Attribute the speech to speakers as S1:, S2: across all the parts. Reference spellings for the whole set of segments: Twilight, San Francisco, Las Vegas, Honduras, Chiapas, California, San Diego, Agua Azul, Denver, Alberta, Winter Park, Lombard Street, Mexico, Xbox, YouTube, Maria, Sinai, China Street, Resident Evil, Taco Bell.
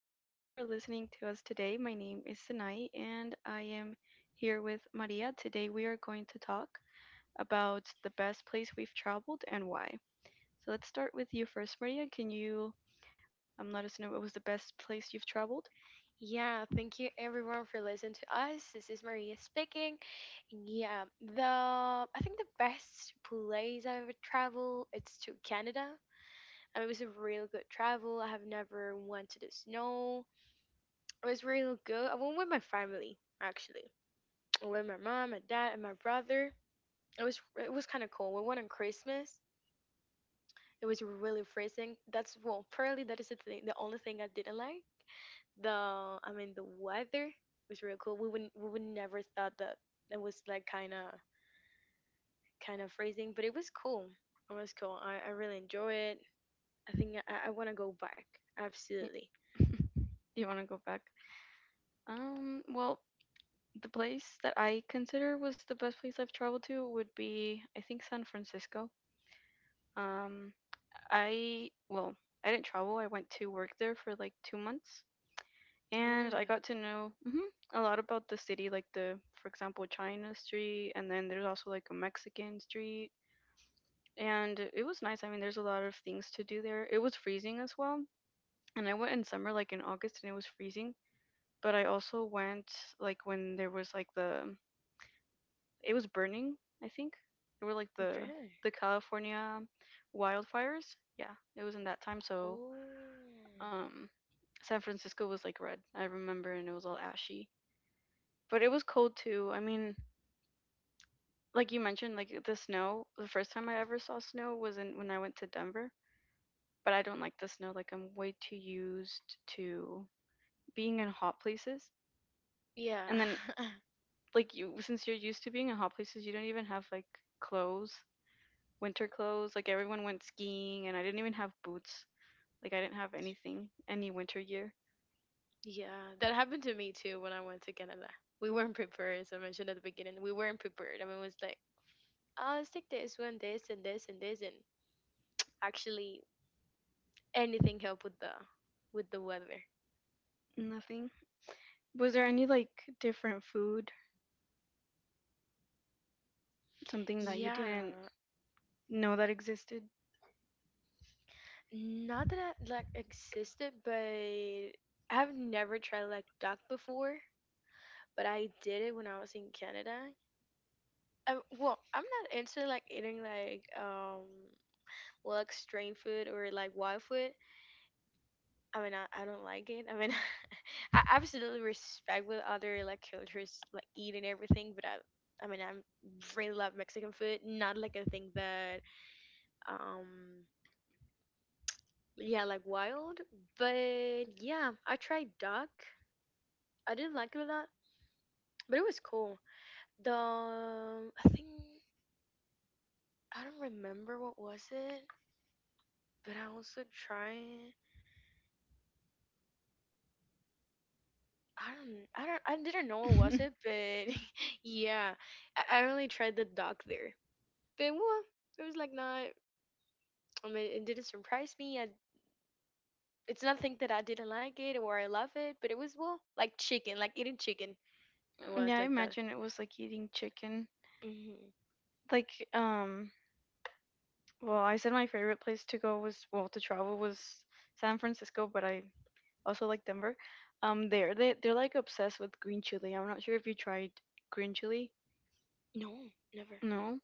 S1: Hello, thank you for listening to us today. My name is Sinai and I am here with Maria. Today we are going to talk about the best place we've traveled and why. So let's start with you first, Maria. Can you let us know what was the best place you've traveled?
S2: Yeah, thank you everyone for listening to us. This is Maria speaking. Yeah, the I think the best place I've ever traveled it's to Canada. And it was a real good travel. I have never went to the snow. It was real good. I went with my family actually. I went with my mom, my dad, and my brother. It was kind of cool. We went on Christmas. It was really freezing. That's Well, probably that is the thing, the only thing I didn't like. The I mean the weather was real cool. We would never thought that it was like kind of freezing, but it was cool. It was cool. I really enjoy it. I think I want to go back.
S1: Do
S2: Absolutely.
S1: you want to go back? Well, the place that I consider was the best place I've traveled to would be, I think, San Francisco. Um, well, I didn't travel. I went to work there for like 2 months. And I
S2: Really,
S1: got to know a lot about the city, like for example, China Street, and then there's also like a Mexican street. And it was nice. I mean, there's a lot of things to do there. It was freezing as well. And I went in summer, like in August, and it was freezing. But I also went like when there was like it was burning, I think. There were like the,
S2: really.
S1: the California wildfires. Yeah, it was in that time. So,
S2: Oh,
S1: um, San Francisco was like red. I remember, and it was all ashy. But it was cold too. I mean, like you mentioned, like the snow, the first time I ever saw snow was in when I went to Denver. But I don't like the snow. Like I'm way too used to being in hot places.
S2: yeah,
S1: And then like you since you're used to being in hot places, you don't even have like clothes, winter clothes. Like everyone went skiing and I didn't even have boots. Like I didn't have anything, any winter gear,
S2: yeah. That happened to me too when I went to Canada. We weren't prepared, as I mentioned at the beginning. We weren't prepared. I mean, it was like, oh, let's take this one, this, and this, and this, and actually anything helped with the weather.
S1: nothing. Was there any like different food, something that you
S2: Yeah,
S1: didn't know that existed?
S2: not that I like existed, but I've never tried like duck before. But I did it when I was in Canada. Well, I'm not into like eating like well, like strange food or like wild food. I mean, I don't like it. I mean, I absolutely respect what other like cultures like eat and everything, but I mean, I really love Mexican food. Not like a thing that um yeah, like wild. But yeah, I tried duck. I didn't like it a lot, but it was cool. The I think I don't remember what was it, but I also tried. I didn't know what was it, but yeah, I only tried the duck there. But well, it was like not. I mean, it didn't surprise me. It's nothing that I didn't like it or I love it, but it was well like chicken, like eating chicken. It
S1: Mm,
S2: was
S1: yeah, I
S2: like that.
S1: imagine it was like eating chicken.
S2: Hmm.
S1: Like, well, I said my favorite place to go was, well, to travel was San Francisco, but I also like Denver. There they're like obsessed with green chili. I'm not sure if you tried green chili.
S2: No, never.
S1: No.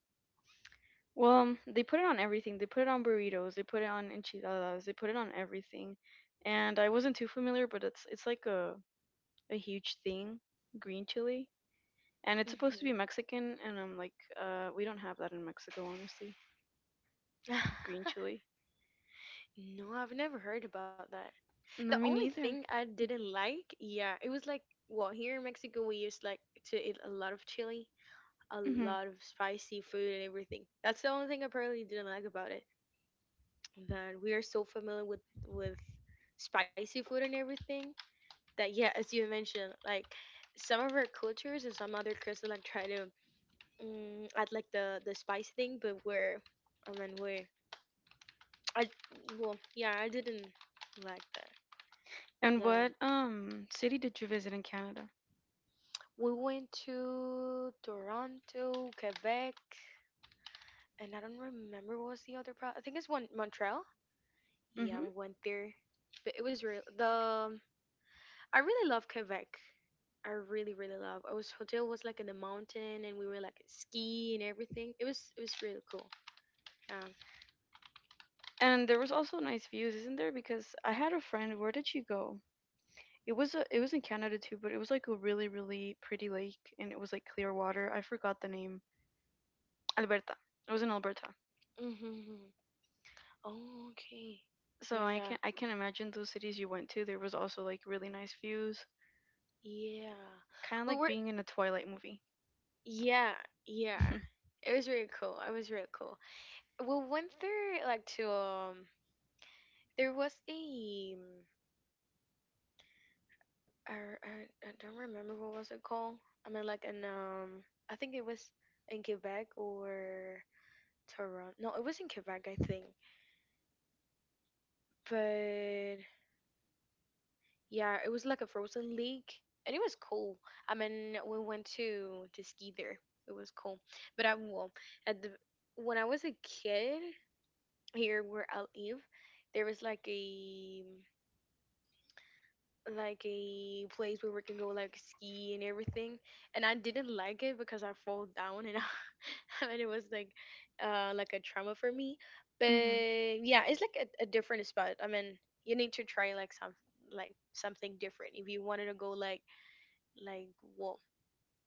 S1: Well, they put it on everything. They put it on burritos. They put it on enchiladas. They put it on everything. And I wasn't too familiar, but it's like a huge thing, green chili. And it's supposed to be
S2: Hmm.
S1: Mexican, and I'm like, we don't have that in Mexico, honestly. Green chili.
S2: No, I've never heard about that. The
S1: No, me
S2: only
S1: neither.
S2: thing I didn't like, yeah, it was like, well, here in Mexico, we used like to eat a lot of chili, a
S1: hmm
S2: lot of spicy food and everything. That's the only thing I probably didn't like about it. That we are so familiar with spicy food and everything that yeah, as you mentioned, like some of our cultures and some other cultures like try to add like the spice thing, but I mean, I, well, yeah, I didn't like that.
S1: And
S2: Yeah,
S1: what city did you visit in Canada?
S2: we went to Toronto, Quebec, and I don't remember what was the other pro. I think it's one Montreal. Yeah,
S1: hmm
S2: we went there, but it was real. The I really love Quebec. I really really love. Our hotel was like in the mountain, and we were like ski and everything. It was really cool. Yeah.
S1: And there was also nice views, isn't there? Because I had a friend. Where did she go? It was in Canada too, but it was like a really, really pretty lake, and it was like clear water. I forgot the name. Alberta. It was in Alberta.
S2: Mm-hmm. Oh, okay. Oh,
S1: So I
S2: yeah.
S1: can I can imagine those cities you went to. There was also like really nice views,
S2: Yeah.
S1: kind of
S2: We
S1: like
S2: were.
S1: being in a Twilight movie.
S2: Yeah. Yeah. It was really cool. It was really cool. Well, once there, like to there was a I don't remember what was it called. I mean, like in I think it was in Quebec or Toronto. No, it was in Quebec, I think. But yeah, it was like a frozen lake, and it was cool. I mean, we went to ski there. It was cool. But I well, at the when I was a kid here where I live, there was like mm, like a place where we can go like ski and everything and I didn't like it because I fall down and, and it was like a trauma for me but
S1: Hmm.
S2: yeah it's like a different spot I mean you need to try like some like something different if you wanted to go like well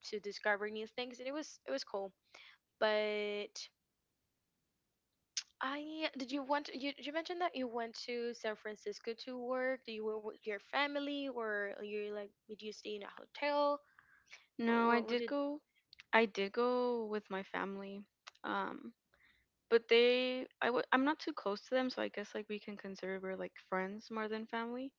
S2: to discover new things and it was cool but I did you want you, you mentioned that you went to San Francisco to work. Do you were with your family or you like did you stay in a hotel. What,
S1: No, I
S2: what would
S1: did
S2: it?
S1: go. I did go with my family. Um, But I'm not too close to them, so I guess like we can consider we're like friends more than family.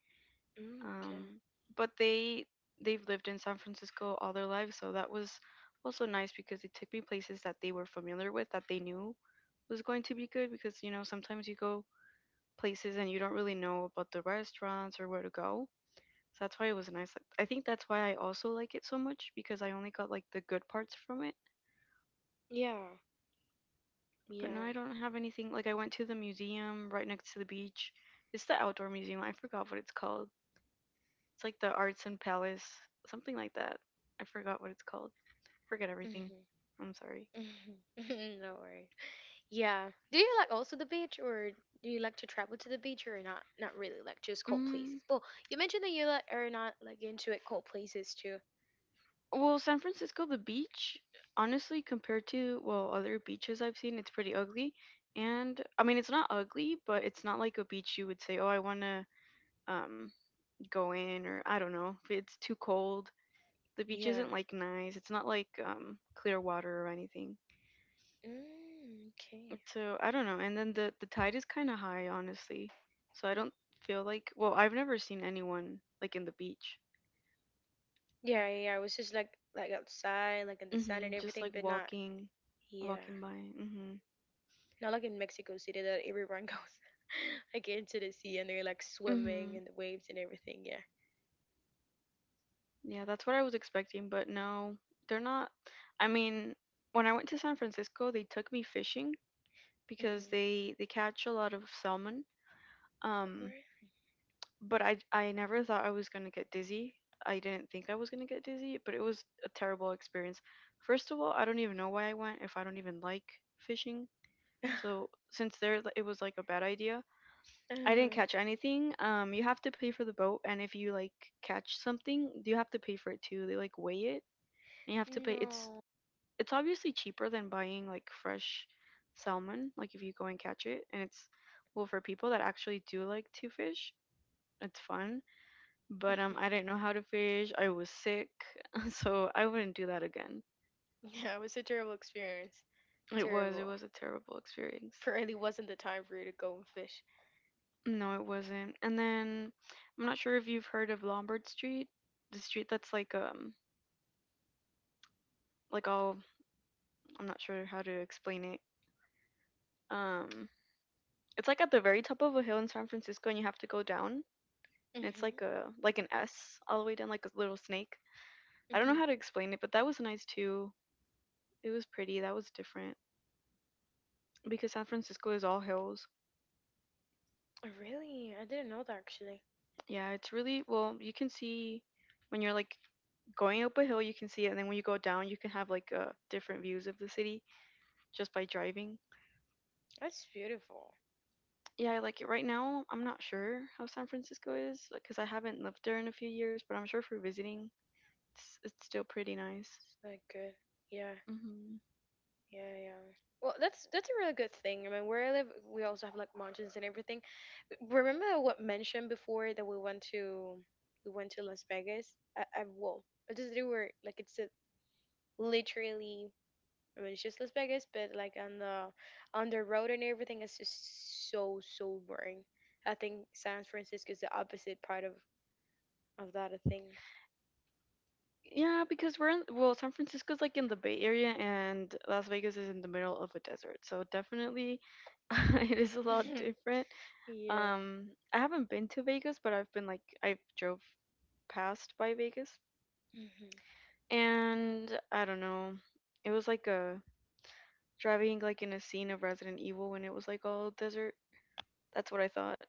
S2: Mm, okay.
S1: Um, but they've lived in San Francisco all their lives, so that was also nice because they took me places that they were familiar with that they knew was going to be good because sometimes you go places and you don't really know about the restaurants or where to go. So that's why it was nice. Like, I think that's why I also like it so much because I only got like the good parts from it.
S2: Yeah.
S1: But no,
S2: Yeah.
S1: I don't have anything. Like I went to the museum right next to the beach. It's the outdoor museum. I forgot what it's called. It's like the Arts and Palace, something like that. I forgot what it's called. Forget everything.
S2: Mm-hmm.
S1: I'm sorry.
S2: No worries. Yeah. Do you like also the beach, or do you like to travel to the beach, or not? Not really, like just cold places.
S1: Mm,
S2: Well, you mentioned that you like are not like into it cold places too.
S1: well, San Francisco, the beach, honestly, compared to well other beaches I've seen, it's pretty ugly. And I mean, it's not ugly, but it's not like a beach you would say, oh, I want to um go in, or I don't know. It's too cold. The beach
S2: Yeah.
S1: isn't like nice. It's not like clear water or anything.
S2: Mm, okay.
S1: So I don't know. And then the tide is kind of high, honestly. So I don't feel like well, I've never seen anyone like in the beach.
S2: Yeah. Yeah. I was just like outside, like in the sun
S1: Mhm,
S2: and
S1: just
S2: everything,
S1: like
S2: but not.
S1: walking
S2: Yeah.
S1: walking by. Mhm.
S2: Not like in Mexico City that everyone goes like into the sea and they're like swimming in
S1: Mhm.
S2: the waves and everything. Yeah.
S1: Yeah, that's what I was expecting, but no, they're not. I mean, when I went to San Francisco, they took me fishing because
S2: Mm-hmm.
S1: they catch a lot of salmon. Um but I never thought I was gonna get dizzy. I didn't think I was gonna get dizzy, but it was a terrible experience. First of all, I don't even know why I went if I don't even like fishing.
S2: uh
S1: It was like a bad idea. I didn't catch anything. You have to pay for the boat, and if you like catch something, you have to pay for it too. They like weigh it, and you have to pay. It's
S2: No.
S1: it's obviously cheaper than buying like fresh salmon, like if you go and catch it, and it's well for people that actually do like to fish. It's fun but
S2: Mhm.
S1: I didn't know how to fish. I was sick, so I wouldn't do that again.
S2: Yeah, it was a terrible experience.
S1: It was it
S2: Terrible.
S1: was a terrible experience.
S2: Apparently, wasn't the time for you to go and fish.
S1: No, it wasn't. And then I'm not sure if you've heard of Lombard Street, the street that's like all I'm not sure how to explain it. Um it's like at the very top of a hill in San Francisco and you have to go down. And it's
S2: Mhm.
S1: like a like an S all the way down like a little snake. I don't know
S2: Mhm.
S1: how to explain it, but that was nice too. It was pretty. That was different because San Francisco is all hills.
S2: Oh, really? I didn't know that actually.
S1: Yeah, it's really well, you can see when you're like going up a hill, you can see it, and then when you go down, you can have like different views of the city just by driving.
S2: That's beautiful.
S1: Yeah, I like it. Right now, I'm not sure how San Francisco is because I haven't lived there in a few years, but I'm sure for visiting, it's still pretty nice.
S2: It's like good. Yeah.
S1: Hmm.
S2: Yeah. Yeah. Well, that's a really good thing. I mean, where I live, we also have like mountains and everything. Remember what mentioned before that we went to Las Vegas. I well, I just they were like literally I mean, it's just Las Vegas, but like on the road and everything, it's just so so boring. I think San Francisco is the opposite part of that thing.
S1: Yeah, because we're in, well, San Francisco's like in the Bay Area, and Las Vegas is in the middle of a desert, so definitely it is a lot different.
S2: Yeah,
S1: I haven't been to Vegas, but I've been like I've drove past by Vegas,
S2: hmm
S1: and I don't know. It was like a driving like in a scene of Resident Evil when it was like all desert. That's what I thought.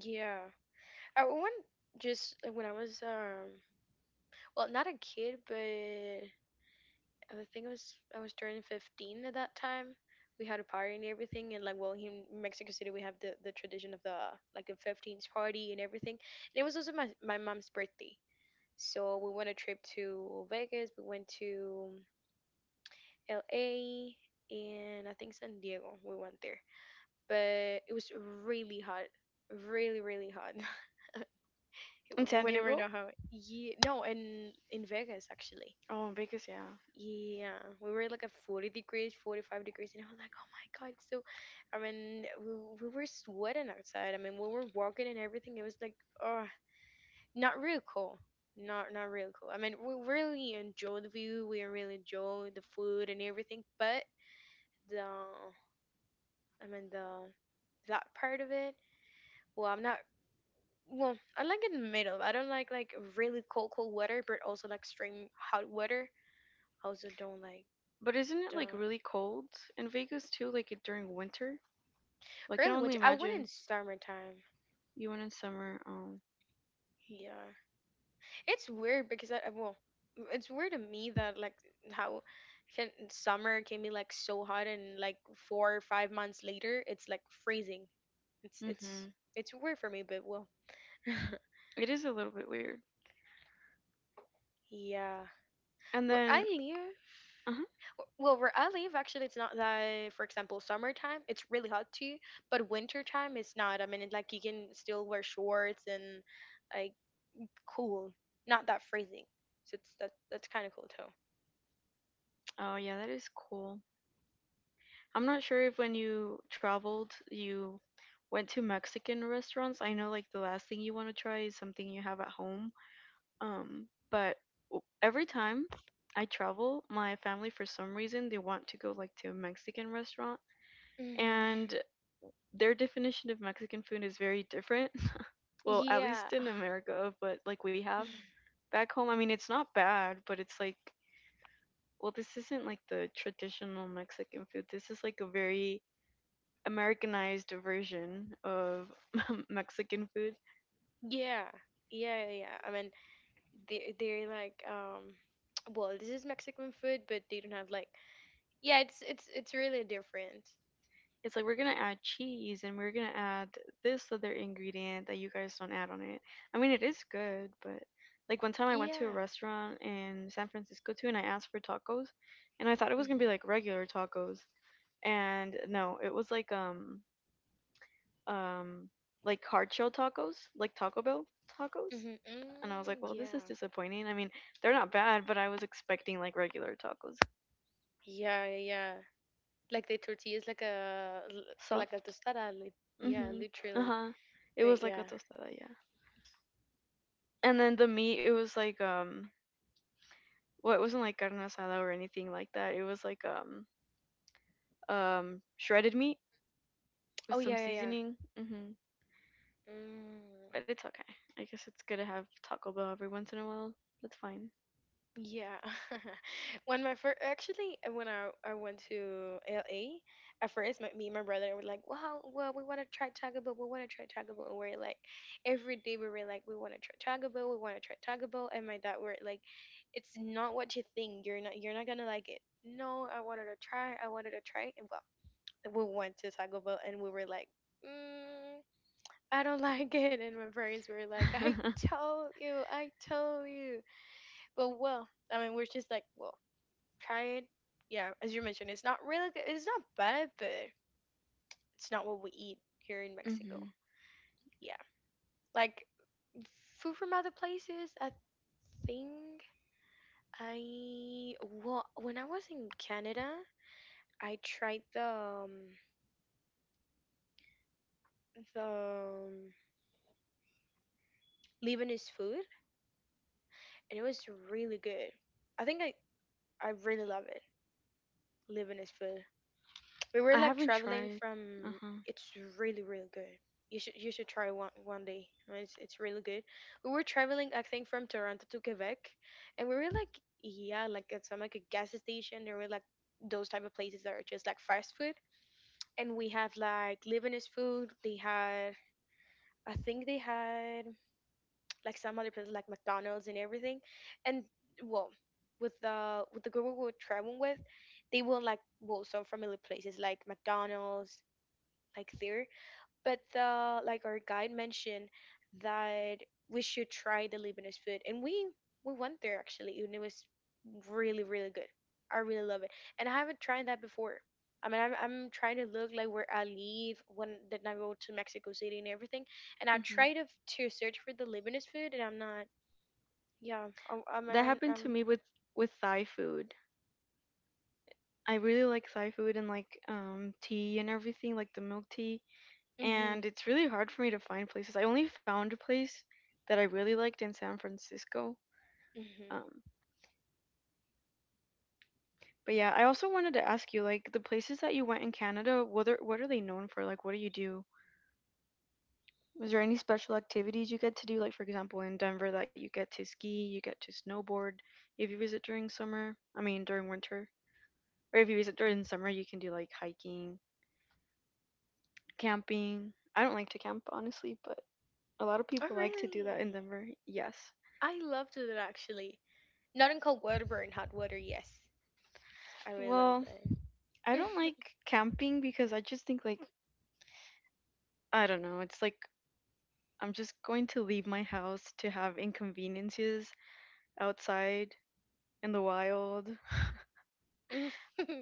S2: yeah. I one just like, when I was well not a kid, but I think I was turning 15 at that time. We had a party and everything, and like well, here in Mexico City, we have the tradition of the like a 15th party and everything. And it was also my mom's birthday. So we went a trip to Vegas, we went to LA, and I think San Diego. We went there, but it was really hot, really really hot.
S1: In
S2: we
S1: San
S2: we never
S1: Diego?
S2: know how. Yeah, no, and in Vegas actually.
S1: Oh, in Vegas, yeah.
S2: Yeah, we were like at 40 degrees, 45 degrees, and I was like, oh my god, it's so. I mean, we were sweating outside. I mean, we were walking and everything. It was like, oh, not real cool not real cool. I mean, we really enjoy the view. We really enjoy the food and everything, but the I mean the that part of it, well, I'm not well I like in the middle. I don't like really cold weather but also like extreme hot weather I also don't like.
S1: But isn't it
S2: The
S1: like really cold in Vegas too? Like it, during winter? Well, I can
S2: probably
S1: only
S2: which I went in
S1: imagine
S2: summertime,
S1: you went in summer. Oh,
S2: yeah. It's weird because well, it's weird to me that like how can summer can be like so hot and like 4 or 5 months later it's like freezing. It's
S1: mm-hmm.
S2: it's it's weird for me, but well,
S1: It is a little bit weird.
S2: yeah.
S1: And
S2: Where I
S1: then,
S2: live,
S1: uh-huh.
S2: well, where I live actually, it's not that. For example, summertime it's really hot too, but winter time it's not. I mean, like you can still wear shorts and like cool, not that freezing. So it's that that's kind of cool too.
S1: Oh yeah, that is cool. I'm not sure if when you traveled, you went to Mexican restaurants. I know like the last thing you want to try is something you have at home. But every time I travel, my family for some reason they want to go like to a Mexican restaurant
S2: Hmm.
S1: and their definition of Mexican food is very different. Well, at
S2: Yeah,
S1: least in America, but like we have back home, I mean it's not bad, but it's like well, this isn't like the traditional Mexican food. This is like a very Americanized version of Mexican food.
S2: yeah, yeah, yeah. Yeah. I mean, they're like, well, this is Mexican food, but they don't have like, yeah, it's really different.
S1: It's like we're gonna add cheese and we're gonna add this other ingredient that you guys don't add on it. I mean, it is good, but like one time I went to a
S2: Yeah.
S1: restaurant in San Francisco too, and I asked for tacos, and I thought it was gonna be
S2: Mhm.
S1: like regular tacos, and no, it was um like hard shell tacos, like Taco Bell tacos.
S2: Mhm.
S1: And I was like,
S2: Mm,
S1: well, this is
S2: yeah.
S1: disappointing. I mean, they're not bad, but I was expecting like regular tacos,
S2: Yeah, yeah. Yeah. Like the tortilla is like like a
S1: soft.
S2: tostada. Yeah,
S1: Mhm.
S2: literally.
S1: Uh-huh. It
S2: But
S1: was like a
S2: yeah.
S1: tostada, yeah. And then the meat, it was like well, it wasn't like carne asada or anything like that. It was like shredded meat with
S2: Oh
S1: some
S2: yeah, yeah, yeah.
S1: seasoning. Mhm. But
S2: Mm.
S1: it's okay. I guess it's good to have Taco Bell every once in a while. That's fine.
S2: Yeah. Actually, when I went to LA, at first, me and my brother were like, wow, well, we want to try Taco Bell, we want to try Taco Bell. And we're like, every day we were like, we want to try Taco Bell, we want to try Taco Bell. And my dad were like, it's not what you think. You're not gonna like it. No, I wanted to try, I wanted to try. And well, we went to Taco Bell and we were like, mm, I don't like it. And my parents were like, I told you, I told you. But well, I mean, we're just like, well, try it. Yeah, as you mentioned, it's not really good. It's not bad, but it's not what we eat here in
S1: Mhm.
S2: Mexico. Yeah, like food from other places. I think I well, when I was in Canada, I tried the Lebanese food, and it was really good. I think I really love it. Lebanese food. We
S1: I
S2: were like
S1: haven't
S2: traveling
S1: tried.
S2: from.
S1: Uh-huh.
S2: It's really really good. You should try one day. I mean, it's really good. We were traveling, I think, from Toronto to Quebec, and we were like, yeah, like at some like a gas station. There were like those type of places that are just like fast food, and we have like Lebanese food. They had, I think, they had like some other places like McDonald's and everything, and well, with the group we were traveling with, they were like well some familiar places like McDonald's, like there. But the like our guide mentioned that we should try the Lebanese food, and we went there actually, and it was really really good. I really love it, and I haven't tried that before. I mean, I'm trying to look like where I live when then I go to Mexico City and everything, and I
S1: Mhm.
S2: try to search for the Lebanese food, and I'm not. Yeah, I
S1: That
S2: mean, I'm.
S1: happened to
S2: I'm
S1: me with Thai food. I really like Thai food and like tea and everything, like the milk tea. And
S2: mhm,
S1: it's really hard for me to find places. I only found a place that I really liked in San Francisco.
S2: mhm.
S1: Um, but yeah, I also wanted to ask you, like, the places that you went in Canada, what are they known for? Like, what do you do? Was there any special activities you get to do? Like, for example, in Denver, that you get to ski, you get to snowboard if you visit during summer. I mean, during winter, or if you visit during summer, you can do like hiking, camping. I don't like to camp honestly, but a lot of
S2: Oh
S1: people like to do that in
S2: really?
S1: Denver. Yes.
S2: I loved it actually. Not in cold water, but in hot water. Yes, I really love
S1: Well,
S2: that.
S1: I don't like camping because I just think like I don't know, it's like I'm just going to leave my house to have inconveniences outside in the wild.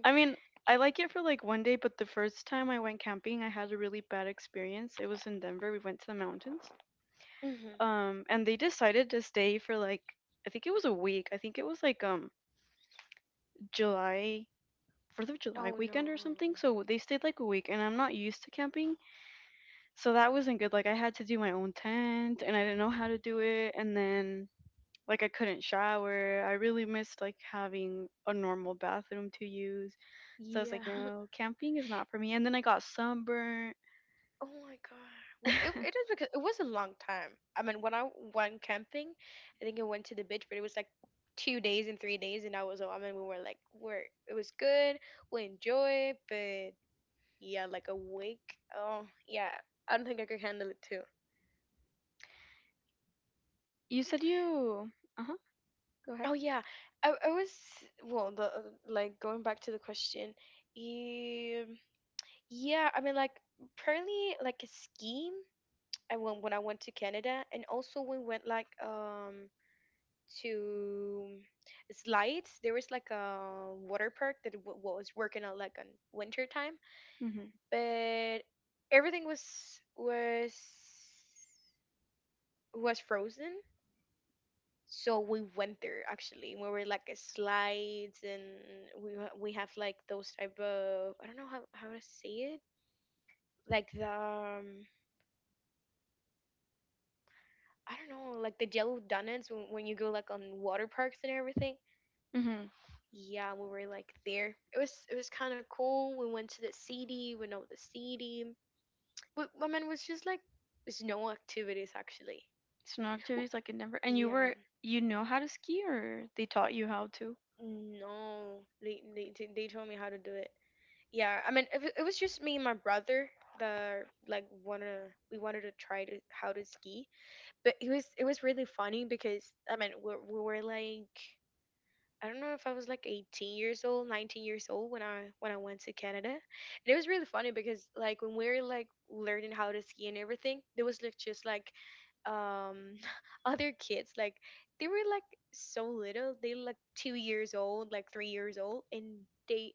S1: I mean, I like it for like one day, but the first time I went camping, I had a really bad experience. It was in Denver. We went to the mountains.
S2: Mhm.
S1: And they decided to stay for like I think it was a week. I think it was like July 4th of July
S2: Oh no.
S1: weekend or something. So they stayed like a week and I'm not used to camping. So that wasn't good. Like I had to do my own tent and I didn't know how to do it and then like I couldn't shower. I really missed like having a normal bathroom to use. So I was
S2: Yeah.
S1: like, no, camping is not for me. And then I got sunburnt.
S2: Oh my God. Well, it is because it was a long time. I mean, when I went camping, I think I went to the beach, but it was like 2 days and 3 days, and I was, I mean, we were like, we're, it was good, we enjoyed, but yeah, like a week. Oh, yeah. I don't think I could handle it too.
S1: You said you uh-huh, go
S2: Oh
S1: ahead.
S2: yeah, I was well the like going back to the question. Um, yeah, I mean like apparently like a scheme. I went when I went to Canada, and also we went like to slides. There was like a water park that was working on like on winter time,
S1: Mhm.
S2: but everything was was frozen. So we went there actually. We were like a slides, and we have like those type of I don't know how to say it like the I don't know like the yellow donuts when you go like on water parks and everything.
S1: Mhm.
S2: Yeah, we were like there. It was kind of cool. We went to the city. We know the city. But I mean, it was just like there's no activities actually.
S1: So no activities
S2: Well,
S1: like in Denver and you
S2: yeah,
S1: were you know how to ski or they taught you how to?
S2: no. They told me how to do it. Yeah, I mean, it was just me and my brother that like wanna we wanted to try to how to ski. But it was really funny because I mean we were like I don't know if I was like 18 years old, 19 years old when I went to Canada. And it was really funny because like when we were like learning how to ski and everything, there was like just like um other kids like they were like so little. They were, like 2 years old, like 3 years old and they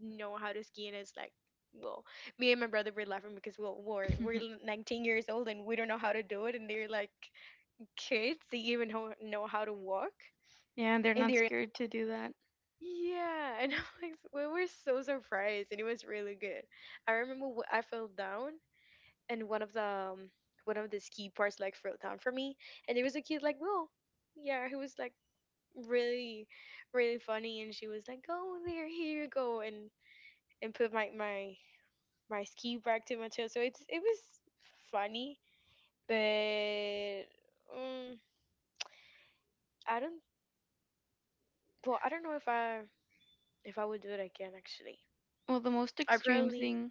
S2: know how to ski and it's like well, me and my brother were laughing because well, we're 19 years old and we don't know how to do it, and they're like kids. They even know how to walk,
S1: Yeah, they're
S2: and
S1: not
S2: they're
S1: scared to do that.
S2: yeah, and I'm like, we were so surprised, and it was really good. I remember I fell down, and um, one of the ski parts like fell down for me, and there was a kid like, well, yeah, who was like really, really funny, and she was like, go there, here you go, and put my ski back to my chest. So it's it was funny, but um, I don't, well, I don't know if I would do it again. Actually,
S1: Well, the most
S2: I
S1: extreme
S2: probably
S1: thing,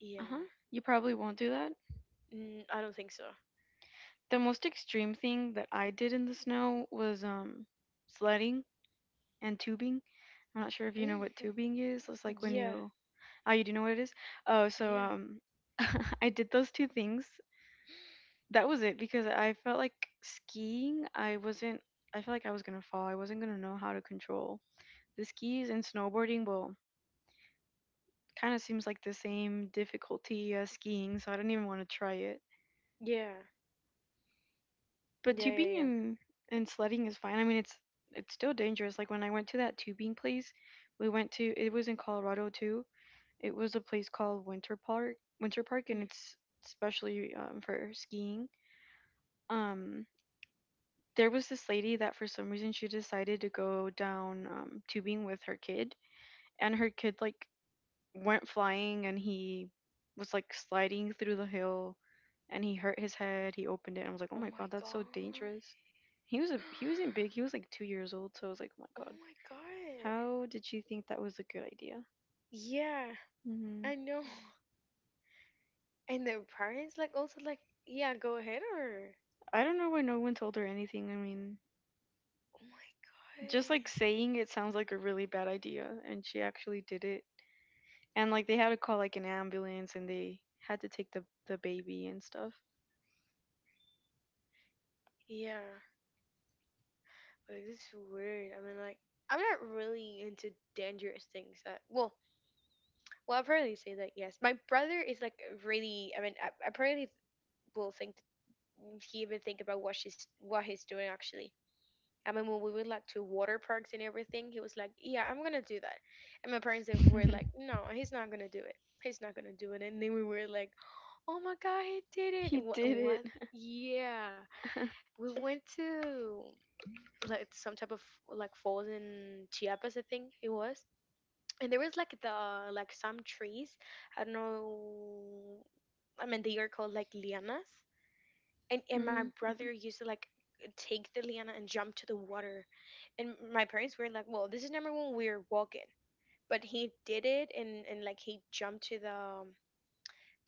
S2: yeah.
S1: uh-huh. You probably won't do that.
S2: Mm, I don't think so.
S1: The most extreme thing that I did in the snow was sledding and tubing. I'm not sure if you know what
S2: Hmm.
S1: tubing is. It's like when
S2: Yeah,
S1: you oh you do know what it is? Oh, so
S2: yeah,
S1: I did those two things. That was it because I felt like skiing, I wasn't I felt like I was gonna fall. I wasn't gonna know how to control the skis and snowboarding, well, kind of seems like the same difficulty as skiing, so I don't even want to try it.
S2: yeah,
S1: But
S2: yeah, yeah,
S1: tubing
S2: yeah.
S1: and sledding is fine. I mean, it's still dangerous. Like when I went to that tubing place, we went to it was in Colorado too. It was a place called Winter Park, Winter Park,
S2: Mm.
S1: and it's especially for skiing. Um, there was this lady that for some reason she decided to go down tubing with her kid, and her kid like weren't flying and he was like sliding through the hill and he hurt his head. He opened it and I was like, "Oh
S2: Oh
S1: my
S2: my
S1: god, that's so
S2: god.
S1: dangerous." He wasn't big. He was like 2 years old, so I was like, "Oh my
S2: Oh
S1: god.
S2: my god.
S1: How did she think that was a good idea?"
S2: Yeah,
S1: Hmm,
S2: I know. And their parents like also like, yeah, go ahead or
S1: I don't know why no one told her anything. I mean,
S2: oh my
S1: just like
S2: god.
S1: saying it sounds like a really bad idea and she actually did it. And like they had to call like an ambulance and they had to take the baby and stuff.
S2: Yeah. Like this is weird. I mean like I'm not really into dangerous things that I probably say that yes. My brother is like really I mean I probably will think he even think about what she's what he's doing actually. I mean, when we went like to water parks and everything, he was like, "Yeah, I'm gonna do that," and my parents they were like, "No, he's not gonna do it. He's not gonna do it." And then we were like, "Oh my god, he did it!
S1: He
S2: And
S1: did it.
S2: What? Yeah, we went to like some type of like falls in Chiapas, I think it was." And there was like the like some trees. I don't know. I mean, they are called like lianas and my
S1: Mm.
S2: brother used to like take the liana and jump to the water and my parents were like well this is number one we're walking but he did it and like he jumped to the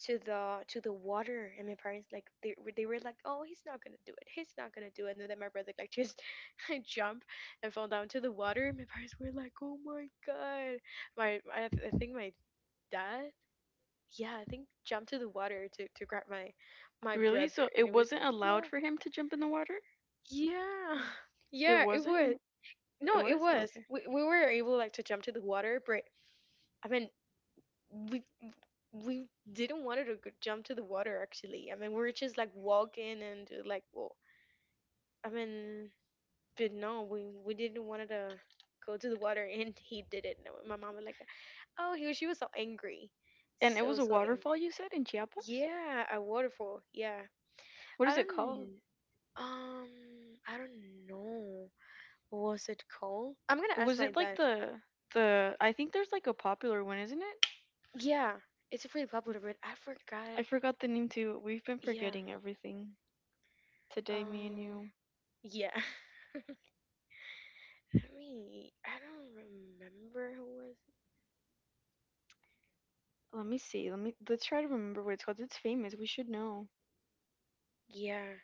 S2: to the water and my parents like they were like oh he's not gonna do it he's not gonna do it and then my brother like just I jumped and fell down to the water and my parents were like oh my god I think my dad yeah I think jumped to the water to grab my
S1: Really?
S2: brother
S1: So
S2: and
S1: it
S2: it was
S1: wasn't allowed
S2: yeah.
S1: for him to jump in the water?
S2: Yeah.
S1: It
S2: Yeah, it was.
S1: wasn't? It
S2: No,
S1: was?
S2: it was.
S1: Okay.
S2: We were able like to jump to the water, but I mean we we didn't want to jump to the water actually. I mean we were just like walking and like well I mean but no, we didn't want to go to the water and he didn't know. My mom was like, "Oh, he she was so angry."
S1: And it was
S2: So
S1: a
S2: so angry.
S1: waterfall you said in Chiapas?
S2: Yeah, a waterfall. Yeah.
S1: What
S2: I
S1: is it called?
S2: don't um I don't know. What was it called? I'm gonna ask
S1: Was
S2: my
S1: it like
S2: dad.
S1: the I think there's like a popular one, isn't it?
S2: Yeah, it's a pretty popular bread. I forgot.
S1: I forgot the name too. We've been
S2: Yeah.
S1: forgetting everything today, me and
S2: Um.
S1: you.
S2: Yeah. I mean, I don't remember who was.
S1: Let me see. Let's try to remember what it's called. It's famous. We should know.
S2: Yeah.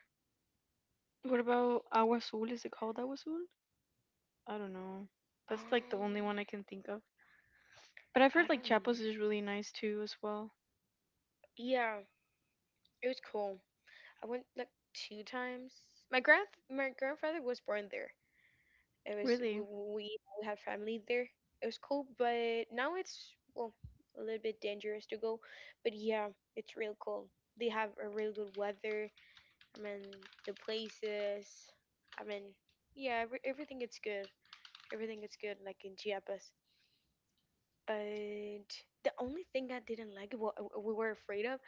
S1: What about Agua Azul? Is it called Agua Azul? I don't know. That's like the only one
S2: Um.
S1: I can think of. But I've
S2: I
S1: heard
S2: don't.
S1: like Chiapas is really nice too as well.
S2: Yeah. It was cool. I went like two times. My grandfather was born there. It was
S1: Really?
S2: we had family there. It was cool, but now it's well a little bit dangerous to go. But yeah, it's real cool. They have a real good weather. I mean, the places. I mean, yeah, everything is good. Everything is good, like in Chiapas. But the only thing I didn't like, what we were afraid of,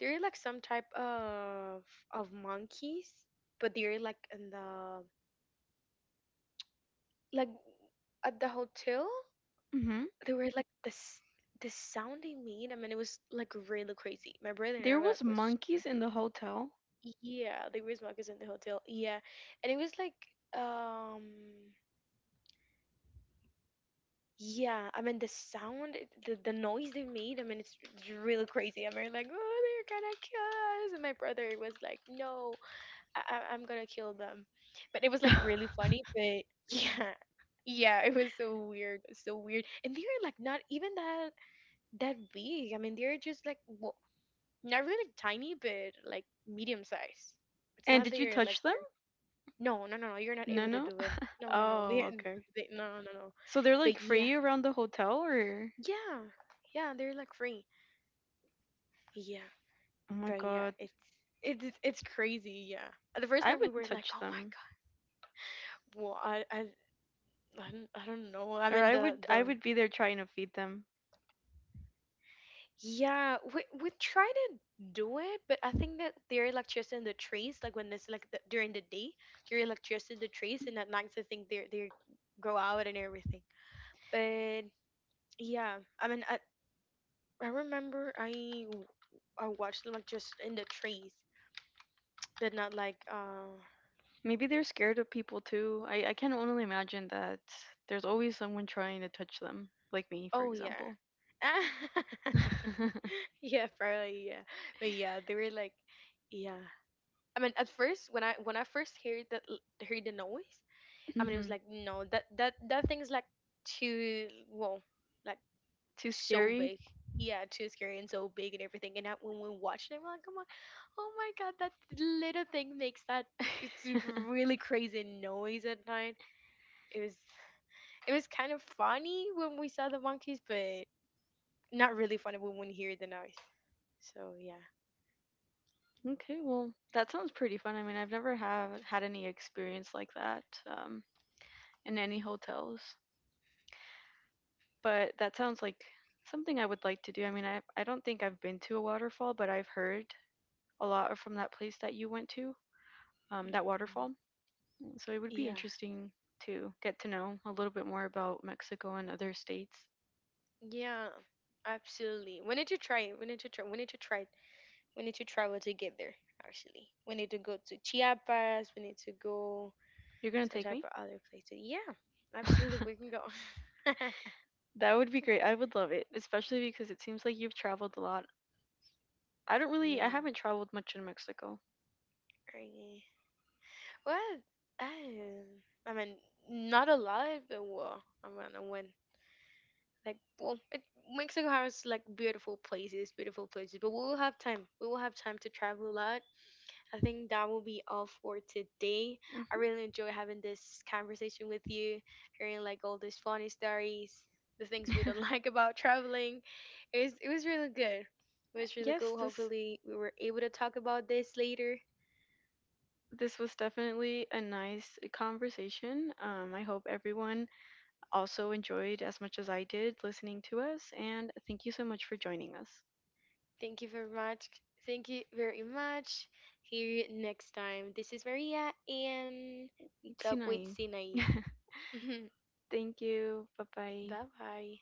S2: there are like some type of monkeys, but they're like in the like at the hotel.
S1: Mhm.
S2: They were like this the sound they made. I mean, it was like really crazy. My brother and I
S1: There
S2: were
S1: was
S2: like, "Which?"
S1: monkeys in the hotel.
S2: Yeah, there was monkeys in the hotel. Yeah, and it was like um Yeah, I mean the sound, the noise they made. I mean it's really crazy. I mean like, oh, they're gonna kill us, and my brother was like, no, I'm gonna kill them. But it was like really funny. But yeah, yeah, it was so weird, so weird. And they were like not even that big. I mean they're just like well, not really tiny, but like medium size. It's
S1: And
S2: not that
S1: did you
S2: you're like
S1: touch them?
S2: you're no, no, no, no. You're not
S1: No,
S2: able to
S1: no.
S2: do it. No, no, no.
S1: Oh, okay.
S2: No, no, no.
S1: So they're like
S2: But yeah
S1: free around the hotel or
S2: yeah, yeah, they're like free. Yeah,
S1: Oh my
S2: but yeah,
S1: God.
S2: it's crazy. Yeah, the first
S1: I
S2: night we
S1: would
S2: were like,
S1: touch
S2: oh
S1: them.
S2: my god, well, I don't know. I
S1: Or
S2: mean
S1: I would I
S2: the
S1: would be there trying to feed them.
S2: yeah, we try to do it, but I think that they're electricity in the trees. Like when it's like during the day, they're electricity in the trees, and at night I think they go out and everything. But yeah, I mean I remember I watched them like just in the trees but not like uh
S1: Maybe they're scared of people too. I can only imagine that there's always someone trying to touch them, like me, for
S2: Oh yeah.
S1: example.
S2: Yeah, probably yeah. But yeah, they were like yeah. I mean, at first when I first heard heard the noise, I mean it was
S1: Hmm,
S2: like no, that thing's like too well, like
S1: too
S2: so
S1: scary.
S2: big. Yeah, too scary and so big and everything. And I, when we watched it, we're like, come on, oh my god, that little thing makes that it's really crazy noise at night. It was kind of funny when we saw the monkeys, but not really funny. We wouldn't hear the noise. So yeah,
S1: Okay, well, that sounds pretty fun. I mean, I've never have had any experience like that. In any hotels. But that sounds like something I would like to do. I mean, I don't think I've been to a waterfall, but I've heard a lot from that place that you went to, that
S2: Mhm.
S1: waterfall. Mm, so it would be
S2: Yeah,
S1: interesting to get to know a little bit more about Mexico and other states.
S2: yeah. Absolutely. We need to try it. We need to try. We need to try it. We need to travel together. Actually, we need to go to Chiapas. We need to go
S1: You're gonna
S2: some
S1: take
S2: type
S1: me?
S2: of other places. Yeah, absolutely. We can go.
S1: That would be great. I would love it, especially because it seems like you've traveled a lot. I don't really,
S2: Yeah.
S1: I haven't traveled much in Mexico.
S2: Right. Well, I, I mean, not a lot, but well, I mean, when like well it mexico has like beautiful places but we will have time we will have time to travel a lot I think that will be all for today I
S1: Hmm.
S2: really enjoy having this conversation with you hearing like all these funny stories the things we don't like about traveling it was really good it was really
S1: Yes,
S2: cool
S1: this
S2: hopefully we were able to talk about this later
S1: this was definitely a nice conversation. I hope everyone also enjoyed as much as I did listening to us. And thank you so much for joining us.
S2: thank you very much thank you very much hear you next time this is maria and we talk with
S1: Sinai.
S2: sinai
S1: Thank you. Bye bye.
S2: Bye bye.